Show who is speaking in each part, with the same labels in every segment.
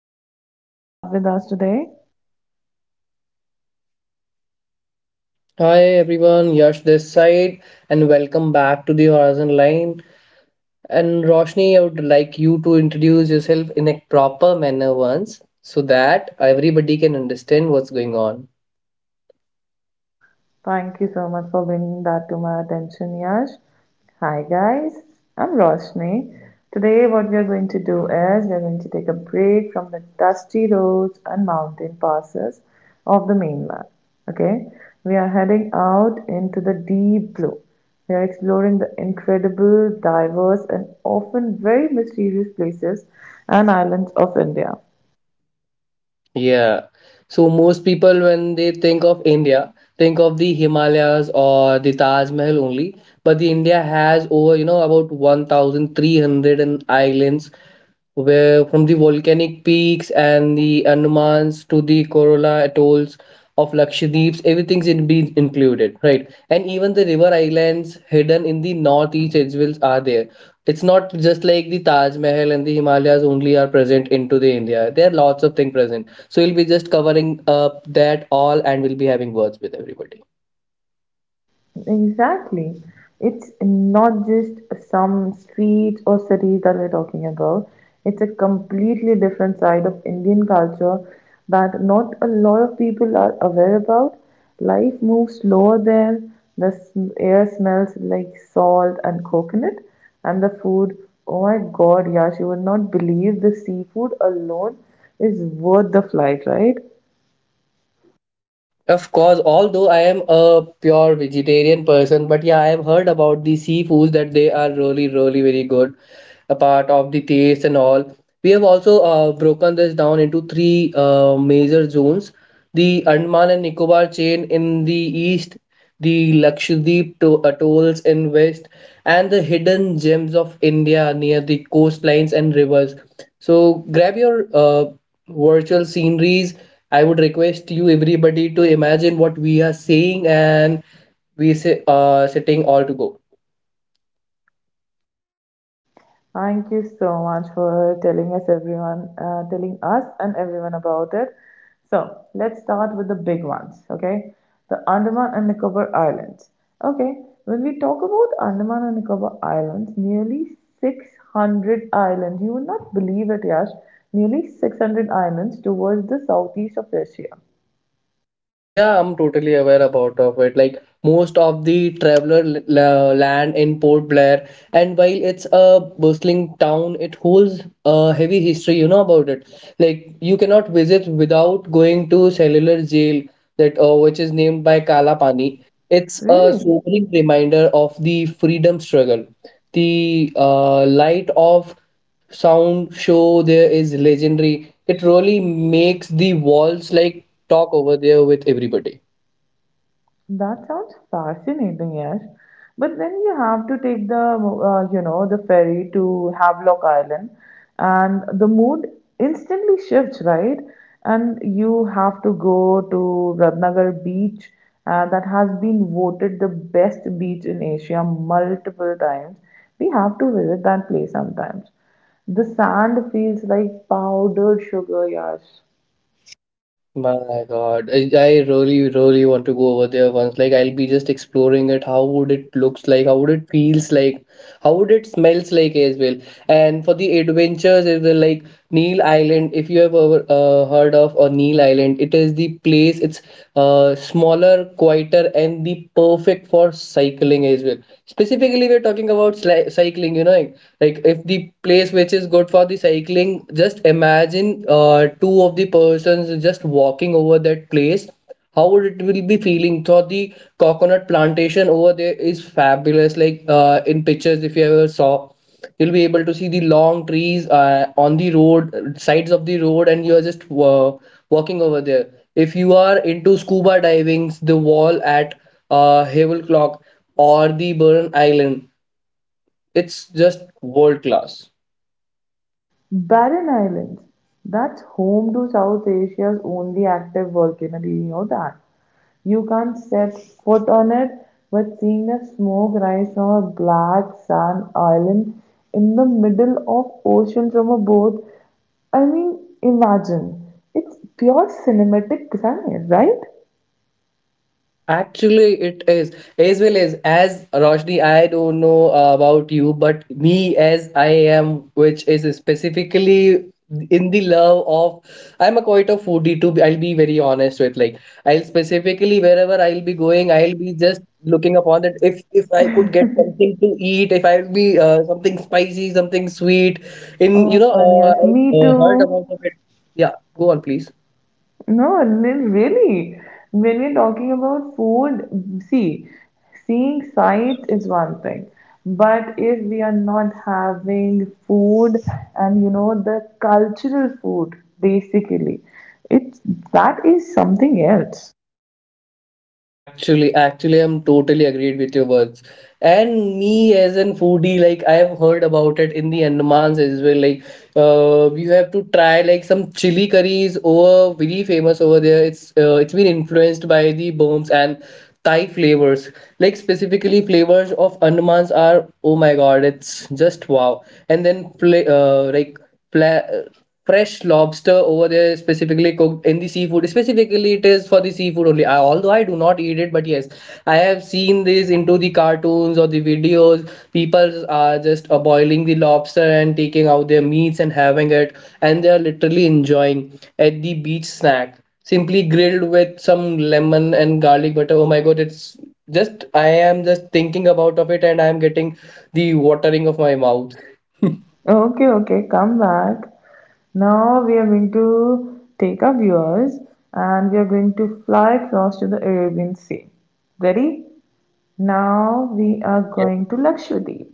Speaker 1: And now we have with us today.
Speaker 2: Hi everyone, Yash this side, and welcome back to the Horizon Line. And Roshni, I would like you to introduce yourself in a proper manner once so that everybody can understand what's going on.
Speaker 1: Thank you so much for bringing that to my attention, Yash. Hi, guys. I'm Roshni. Today, what we are going to do is we are going to take a break from the dusty roads and mountain passes of the mainland. Okay, we are heading out into the deep blue. We are exploring the incredible, diverse, and often very mysterious places and islands of India.
Speaker 2: Yeah. So most people, when they think of India, think of the Himalayas or the Taj Mahal only. But the India has over, about 1,300 and islands, where from the volcanic peaks and the Andamans to the Kerala atolls of Lakshadweeps, everything's in been included, right? And even the river islands hidden in the northeast Edgewills are there. It's not just like the Taj Mahal and the Himalayas only are present into the India. There are lots of things present, so we'll be just covering up that all and we'll be having words with everybody.
Speaker 1: Exactly. It's not just some streets or cities that we're talking about. It's a completely different side of Indian culture that not a lot of people are aware about. Life moves slower there. The air smells like salt and coconut, and the food. Oh my God, Yash, you would not believe the seafood alone is worth the flight, right?
Speaker 2: Of course, although I am a pure vegetarian person, but yeah, I have heard about the seafoods that they are really, really very good. A part of the taste and all. We have also broken this down into three major zones: the Andaman and Nicobar chain in the east, the Lakshadweep atolls in west, and the hidden gems of India near the coastlines and rivers. So grab your virtual sceneries. I would request you everybody to imagine what we are saying and we say sitting all to go.
Speaker 1: Thank you so much for telling us everyone, telling us and everyone about it. So let's start with the big ones, okay? The Andaman and Nicobar Islands. Okay, when we talk about Andaman and Nicobar Islands, nearly 600 islands, you would not believe it, Yash, nearly 600 islands towards the southeast of Asia.
Speaker 2: Yeah, I'm totally aware about of it. Like most of the traveler land in Port Blair, and while it's a bustling town, it holds a heavy history. You know about it. Like you cannot visit without going to cellular jail that which is named by Kala Pani. It's a
Speaker 1: Really?
Speaker 2: sobering reminder of the freedom struggle. The light of sound show there is legendary. It really makes the walls like talk over there with everybody.
Speaker 1: That sounds fascinating, Yash. But then you have to take the, you know, the ferry to Havelock Island, and the mood instantly shifts, right? And you have to go to Ratnagar Beach, that has been voted the best beach in Asia multiple times. We have to visit that place sometimes. The sand feels like powdered sugar, Yash.
Speaker 2: My God, I really, really want to go over there once. Like I'll be just exploring it. How would it looks like? How would it feels like? How would it smells like as well? And for the adventures, it will like Neil Island. If you have ever heard of or Neil Island, it is the place. It's smaller, quieter, and the perfect for cycling as well. Specifically, we're talking about cycling. You know, like if the place which is good for the cycling, just imagine two of the persons just walking over that place, how would it will be feeling. So the coconut plantation over there is fabulous, like in pictures if you ever saw, you'll be able to see the long trees on the road sides of the road and you are just walking over there. If you are into scuba diving, the wall at havel clock or the burn island, it's just world class.
Speaker 1: Barren Islands. That's home to South Asia's only active volcano. Do you know that? You can't set foot on it, but seeing the smoke rise from a black sand island in the middle of ocean from a boat, I mean, imagine. It's pure cinematic science, right?
Speaker 2: Actually, it is as well as Roshni. I don't know about you, but me as I am, which is specifically in the love of, I'm a quite a foodie too. I'll be very honest with, like I'll specifically wherever I'll be going, I'll be just looking upon that if I could get something to eat, if I'll be something spicy, something sweet.
Speaker 1: Oh my God, yes.
Speaker 2: I
Speaker 1: Me
Speaker 2: heard about
Speaker 1: too.
Speaker 2: of it. Yeah, go on, please.
Speaker 1: No, really. When we're talking about food, see, seeing sights is one thing. But if we are not having food and you know the cultural food, basically, it's that is something else.
Speaker 2: Actually, I'm totally agreed with your words. And me as an foodie, like I have heard about it in the Andamans as well. Like, you have to try like some chili curries over very famous over there. It's been influenced by the bombs and Thai flavors. Like specifically flavors of Andamans are, oh my god, it's just wow. And then play like fla- uh, fresh lobster over there specifically cooked in the seafood, specifically it is for the seafood only. I, although I do not eat it, but yes, I have seen this into the cartoons or the videos, people are just boiling the lobster and taking out their meats and having it, and they are literally enjoying at the beach snack simply grilled with some lemon and garlic butter. Oh my god, it's just, I am just thinking about of it and I am getting the watering of my mouth.
Speaker 1: Okay, okay, come back. Now we are going to take our viewers and we are going to fly across to the Arabian Sea. Ready? Now we are going to Lakshadweep.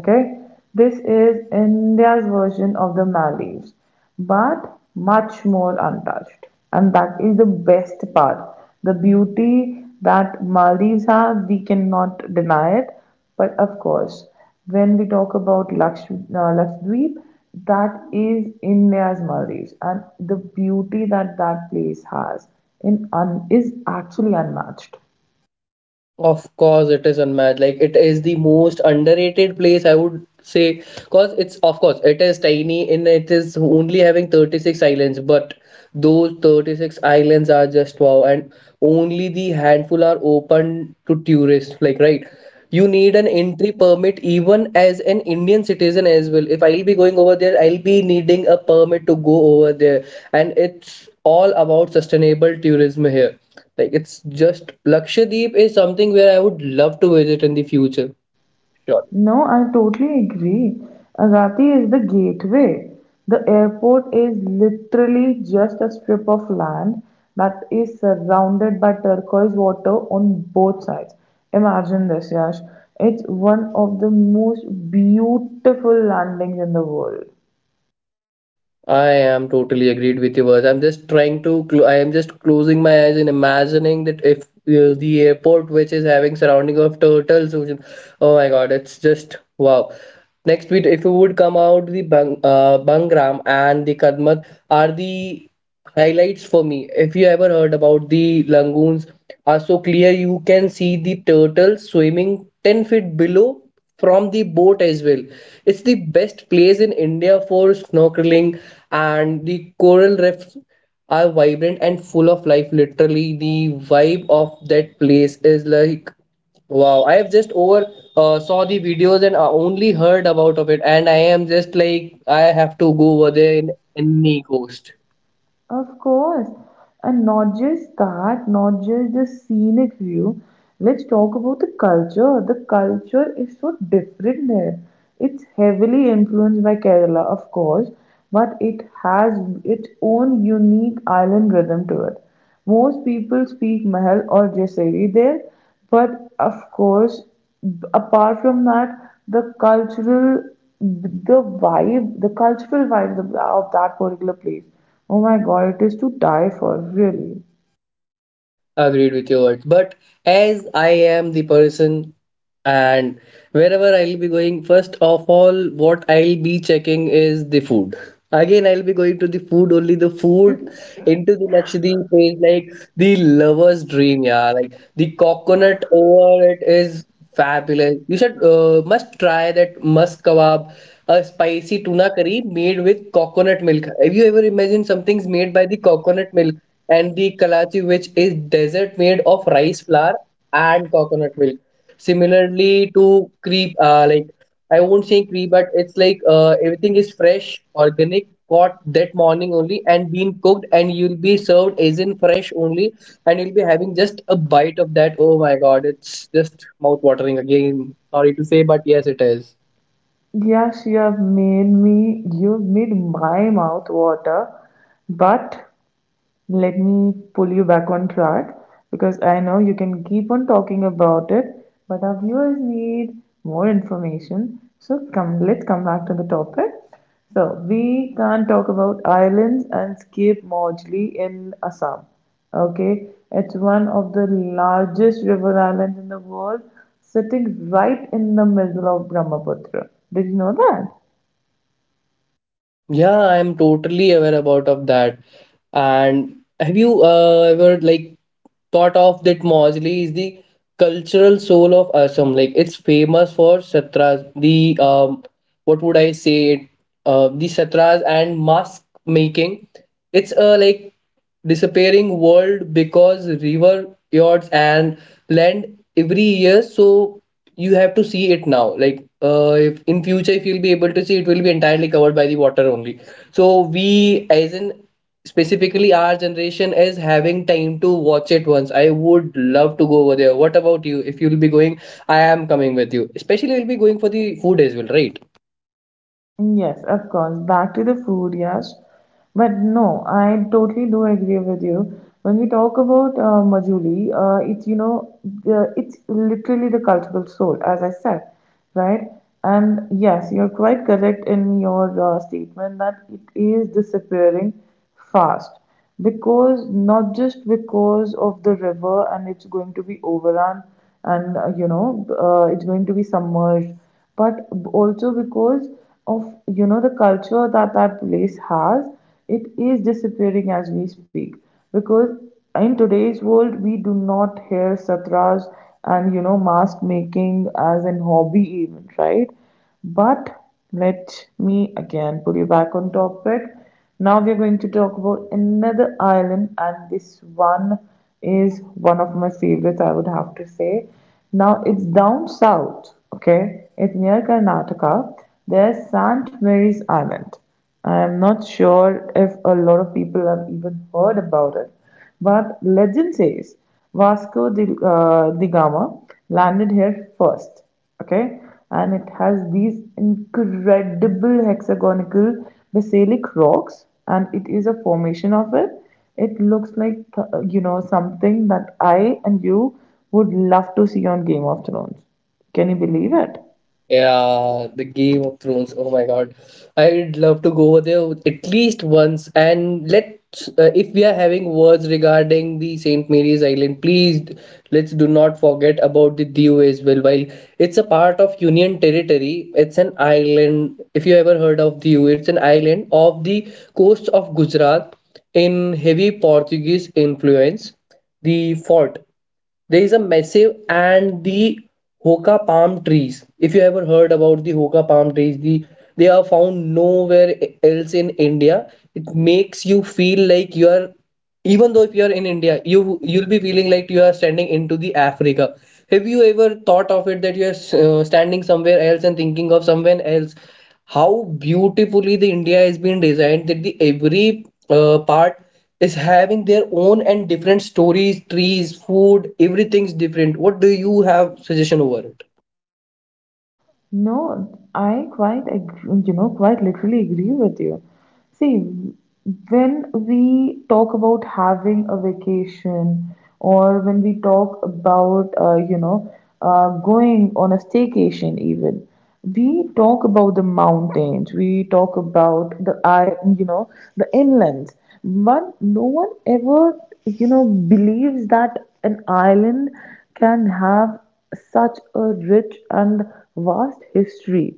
Speaker 1: Okay, this is India's version of the Maldives, but much more untouched. And that is the best part. The beauty that Maldives have, we cannot deny it. But of course, when we talk about Lakshadweep, that is India's Maldives, and the beauty that that place has is actually unmatched.
Speaker 2: Of course, it is unmatched. Like it is the most underrated place I would say, cause it's of course it is tiny and it is only having 36 islands, but those 36 islands are just wow, and only the handful are open to tourists. Like right, you need an entry permit even as an Indian citizen as well. If I'll be going over there, I'll be needing a permit to go over there, and it's all about sustainable tourism here. Like it's just Lakshadweep is something where I would love to visit in the future. Surely.
Speaker 1: No, I totally agree. Agati is the gateway. The airport is literally just a strip of land that is surrounded by turquoise water on both sides. Imagine this, Yash. It's one of the most beautiful landings in the world.
Speaker 2: I am totally agreed with you, Vas. I'm just trying to. I am just closing my eyes and imagining that if the airport, which is having surrounding of turtles, which, oh my God, it's just wow. Next week, if you would come out, the Bangram and the Kadmat are the highlights for me. If you ever heard about the lagoons, are so clear you can see the turtles swimming 10 feet below from the boat as well. It's the best place in India for snorkeling, and the coral reefs are vibrant and full of life. Literally, the vibe of that place is like wow. I have just over saw the videos and only heard about of it, and I am just like I have to go over there in any coast.
Speaker 1: Of course, and not just that, not just the scenic view. Let's talk about the culture. The culture is so different there. It's heavily influenced by Kerala, of course, but it has its own unique island rhythm to it. Most people speak Mahal or Jaisari there, but of course, apart from that, the cultural, the vibe, the cultural vibe of that particular place. Oh my God, it is to die for, really.
Speaker 2: Agreed with your words. But as I am the person and wherever I'll be going, first of all, what I'll be checking is the food. Again, I'll be going to the food, only the food into the Lakshadweep is like the lover's dream, yeah. Like the coconut over it is fabulous. You should must try that musk kebab, a spicy tuna curry made with coconut milk. Have you ever imagined something's made by the coconut milk and the kalachi, which is dessert made of rice flour and coconut milk? Similarly to creep, like I won't say pre, but it's like everything is fresh, organic, caught that morning only, and been cooked, and you'll be served as in fresh only, and you'll be having just a bite of that. Oh my God, it's just mouth watering again. Sorry to say, but yes, it is.
Speaker 1: Yes, you have made me, you have made my mouth water, but let me pull you back on track because I know you can keep on talking about it, but our viewers need more information. So come, let's come back to the topic. So we can't talk about islands and skip Mojli in Assam. Okay, it's one of the largest river islands in the world, sitting right in the middle of Brahmaputra. Did you know that?
Speaker 2: Yeah, I'm totally aware about of that. And have you ever like thought of that Mosley is the cultural soul of Assam? Like it's famous for satras, the what would I say? The satras and mask making. It's a like disappearing world because river fjords and land every year. So you have to see it now. Like if in future if you'll be able to see, it will be entirely covered by the water only. So we as in specifically our generation is having time to watch it once. I would love to go over there. What about you? If you'll be going, I am coming with you. Especially we will be going for the food as well, right?
Speaker 1: Yes, of course. Back to the food, yes, but no, I totally do agree with you. When we talk about Majuli, it's you know the it's literally the cultural soul, as I said, right? And yes, you're quite correct in your statement that it is disappearing fast because not just because of the river and it's going to be overrun and you know it's going to be submerged, but also because of you know the culture that that place has, it is disappearing as we speak because in today's world we do not hear satras and you know mask making as an hobby even, right? But let me again pull you back on topic. Now we are going to talk about another island, and this one is one of my favorites, I would have to say. Now it's down south, okay? It's near Karnataka. There's St. Mary's Island. I am not sure if a lot of people have even heard about it. But legend says Vasco de Gama landed here first. Okay, and it has these incredible hexagonal basalic rocks, and it is a formation of it. It looks like you know something that I and you would love to see on Game of Thrones. Can you believe it?
Speaker 2: Yeah, the Game of Thrones. Oh my God, I'd love to go over there at least once. And let's, if we are having words regarding the Saint Mary's Island, please let's do not forget about the Diu as well. While it's a part of Union Territory, it's an island. If you ever heard of Diu, it's an island off the coast of Gujarat in heavy Portuguese influence. The fort. There is a massive and the hoka palm trees. If you ever heard about the hoka palm trees, they are found nowhere else in India. It makes you feel like you are, even though if you are in India, you'll be feeling like you are standing into the Africa. Have you ever thought of it that you are standing somewhere else and thinking of someone else? How beautifully the India has been designed that the every part is having their own and different stories, trees, food, everything's different. What do you have suggestion over it?
Speaker 1: No, I you know, quite literally agree with you. See, when we talk about having a vacation, or when we talk about, you know, going on a staycation, even we talk about the mountains, we talk about the I you know the inlands, but no one ever you know believes that an island can have such a rich and vast history,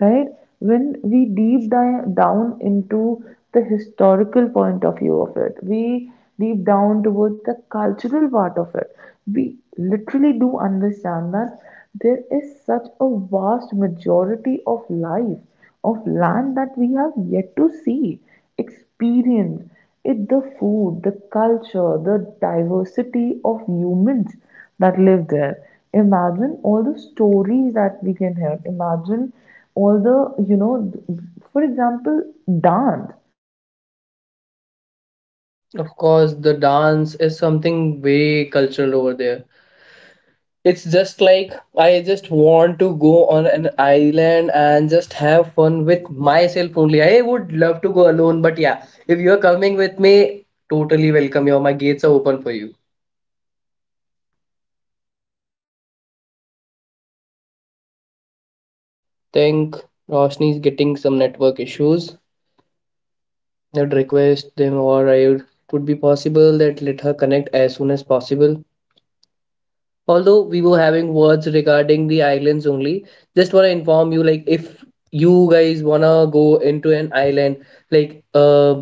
Speaker 1: right? When we deep dive down into the historical point of view of it, we deep down towards the cultural part of it, we literally do understand that there is such a vast majority of life, of land that we have yet to see, experience. It the food, the culture, the diversity of humans that live there. Imagine all the stories that we can hear. Imagine. Although, you know, for example,
Speaker 2: Of course, the dance is something way cultural over there. It's just like I just want to go on an island and just have fun with myself only. I would love to go alone, but yeah, if you're coming with me, totally welcome you. My gates are open for you. Think Roshni is getting some network issues. That request them or it would be possible that let her connect as soon as possible. Although we were having words regarding the islands only, just want to inform you like if you guys wanna go into an island, like uh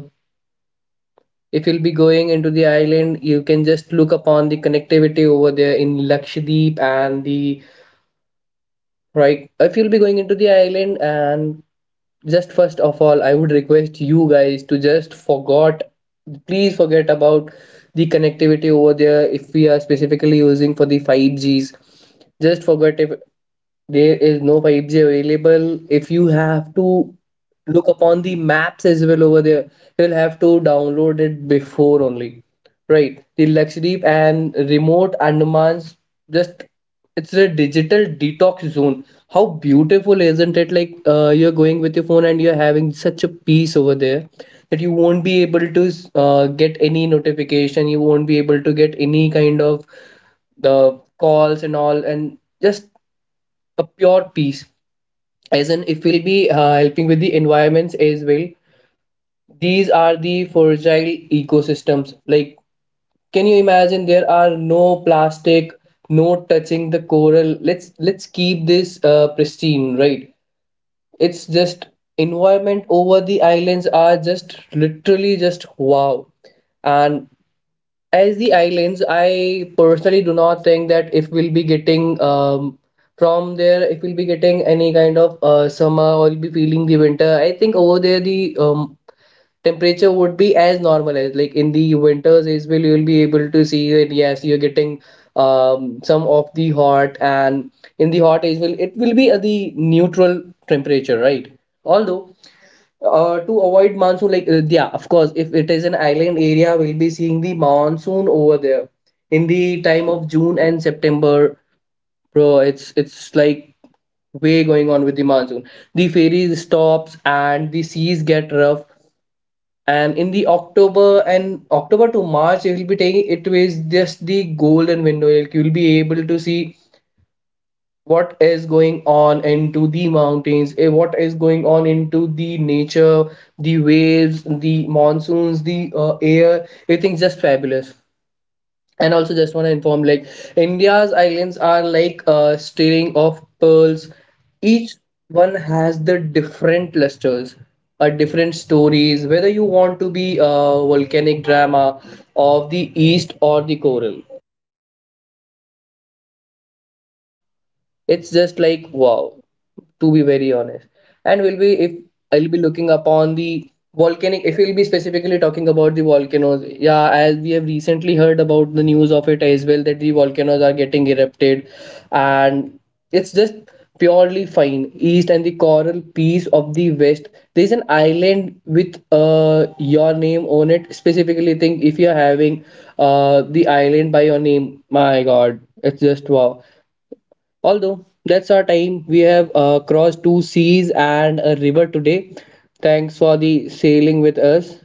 Speaker 2: if you'll be going into the island you can just look upon the connectivity over there in Lakshadweep and the right if you'll be going into the island and just first of all I would request you guys to just forgot, please forget about the connectivity over there if we are specifically using for the 5gs. Just forget if there is no 5G available. If you have to look upon the maps as well over there, you'll have to download it before only. Right. The Lakshadweep and remote Andaman's, just it's a digital detox zone. How beautiful isn't it? You're going with your phone and you're having such a peace over there that you won't be able to get any notification. You won't be able to get any kind of the calls and all, and just a pure peace, as in if we'll be helping with the environments as well. These are the fragile ecosystems, like can you imagine there are no plastic, no touching the coral. Let's keep this pristine, right? It's just environment over the islands are just literally just wow. And as the islands, I personally do not think that if we'll be getting from there, if we'll be getting any kind of summer or we'll be feeling the winter, I think over there the temperature would be as normal as like in the winters as well. You'll be able to see that yes, you're getting some of the hot, and in the hot as well, it will be at the neutral temperature, right? Although to avoid monsoon yeah of course if it is an island area we'll be seeing the monsoon over there in the time of June and September. Bro, it's like way going on with the monsoon, the ferry stops and the seas get rough. And in the October and October to March it will be taking, it is just the golden window, like you'll be able to see what is going on into the mountains, what is going on into the nature, the waves, the monsoons, the air, everything's just fabulous. And also just want to inform like India's islands are like a string of pearls. Each one has the different lusters, different stories, whether you want to be a volcanic drama of the east or the coral. It's just like wow, to be very honest. And we'll be, if I'll be looking upon the volcanic, if we'll be specifically talking about the volcanoes, yeah, as we have recently heard about the news of it as well that the volcanoes are getting erupted, and it's just purely fine. East and the coral piece of the west. There's an island with your name on it. Specifically think if you're having the island by your name. My god, it's just wow. Although that's our time, we have crossed two seas and a river today. Thanks for the sailing with us.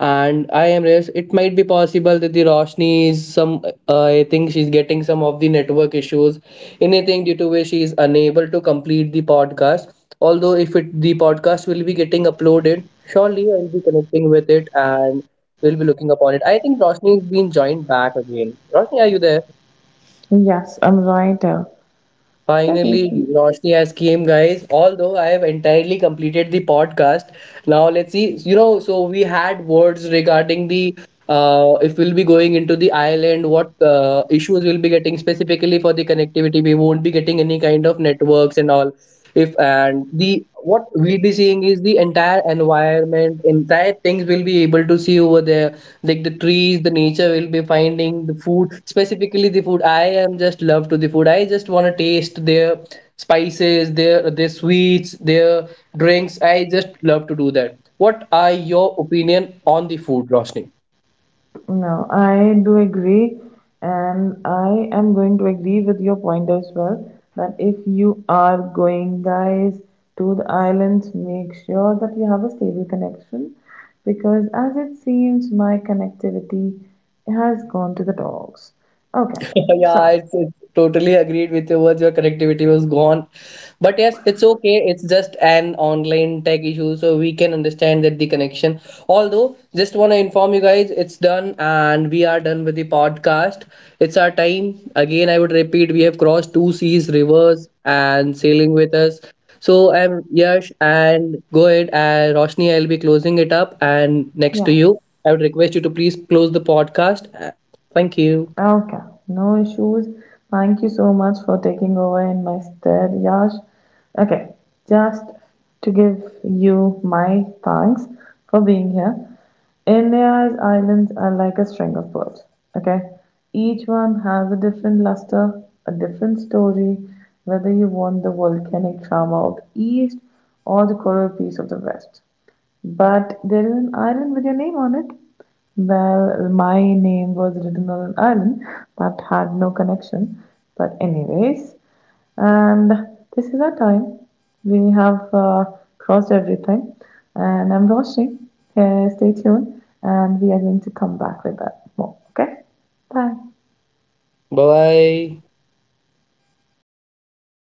Speaker 2: And I am Reyes. It might be possible that the Roshni is some, I think she's getting some of the network issues, anything due to which she is unable to complete the podcast. Although, if it, the podcast will be getting uploaded, surely I'll be connecting with it and we'll be looking upon it. I think Roshni is being joined back again. Roshni, are you there?
Speaker 3: Yes, I'm right. That seems
Speaker 2: Finally,
Speaker 3: to.
Speaker 2: Roshni has came, guys. Although I have entirely completed the podcast, now let's see. You know, so we had words regarding the if we'll be going into the island, what issues we'll be getting specifically for the connectivity. We won't be getting any kind of networks and all, if and the what we'll be seeing is the entire environment, entire things we'll be able to see over there, like the trees, the nature, we'll be finding the food, specifically the food, I am just love to the food, I just want to taste their spices, their sweets, their drinks, I just love to do that. What are your opinion on the food, Roshni?
Speaker 3: No, I do agree, and I am going to agree with your point as well. That if you are going, guys, to the islands, make sure that you have a stable connection, because as it seems, my connectivity has gone to the dogs. Okay,
Speaker 2: Yeah,
Speaker 3: so
Speaker 2: it's totally agreed with your words. Your connectivity was gone. But yes, it's okay. It's just an online tech issue, so we can understand that the connection. Although, just want to inform you guys, it's done and we are done with the podcast. It's our time. Again, I would repeat, we have crossed two seas, rivers, and sailing with us. So I'm Yash, and go ahead, and Roshni, I'll be closing it up. And next to
Speaker 3: yes.
Speaker 2: you, I would request you to please close the podcast. Thank you.
Speaker 3: Okay, no issues. Thank you so much for taking over in my stead, Yash. Okay, just to give you my thanks for being here. India's islands are like a string of pearls. Okay, each one has a different luster, a different story, whether you want the volcanic charm of the east or the coral piece of the west. But there is an island with your name on it. Well, my name was written on an island that had no connection. But, anyways, and this is our time. We have crossed everything. And I'm Roshi. Hey, stay tuned, and we are going to come back with that more. Okay? Bye.
Speaker 2: Bye bye.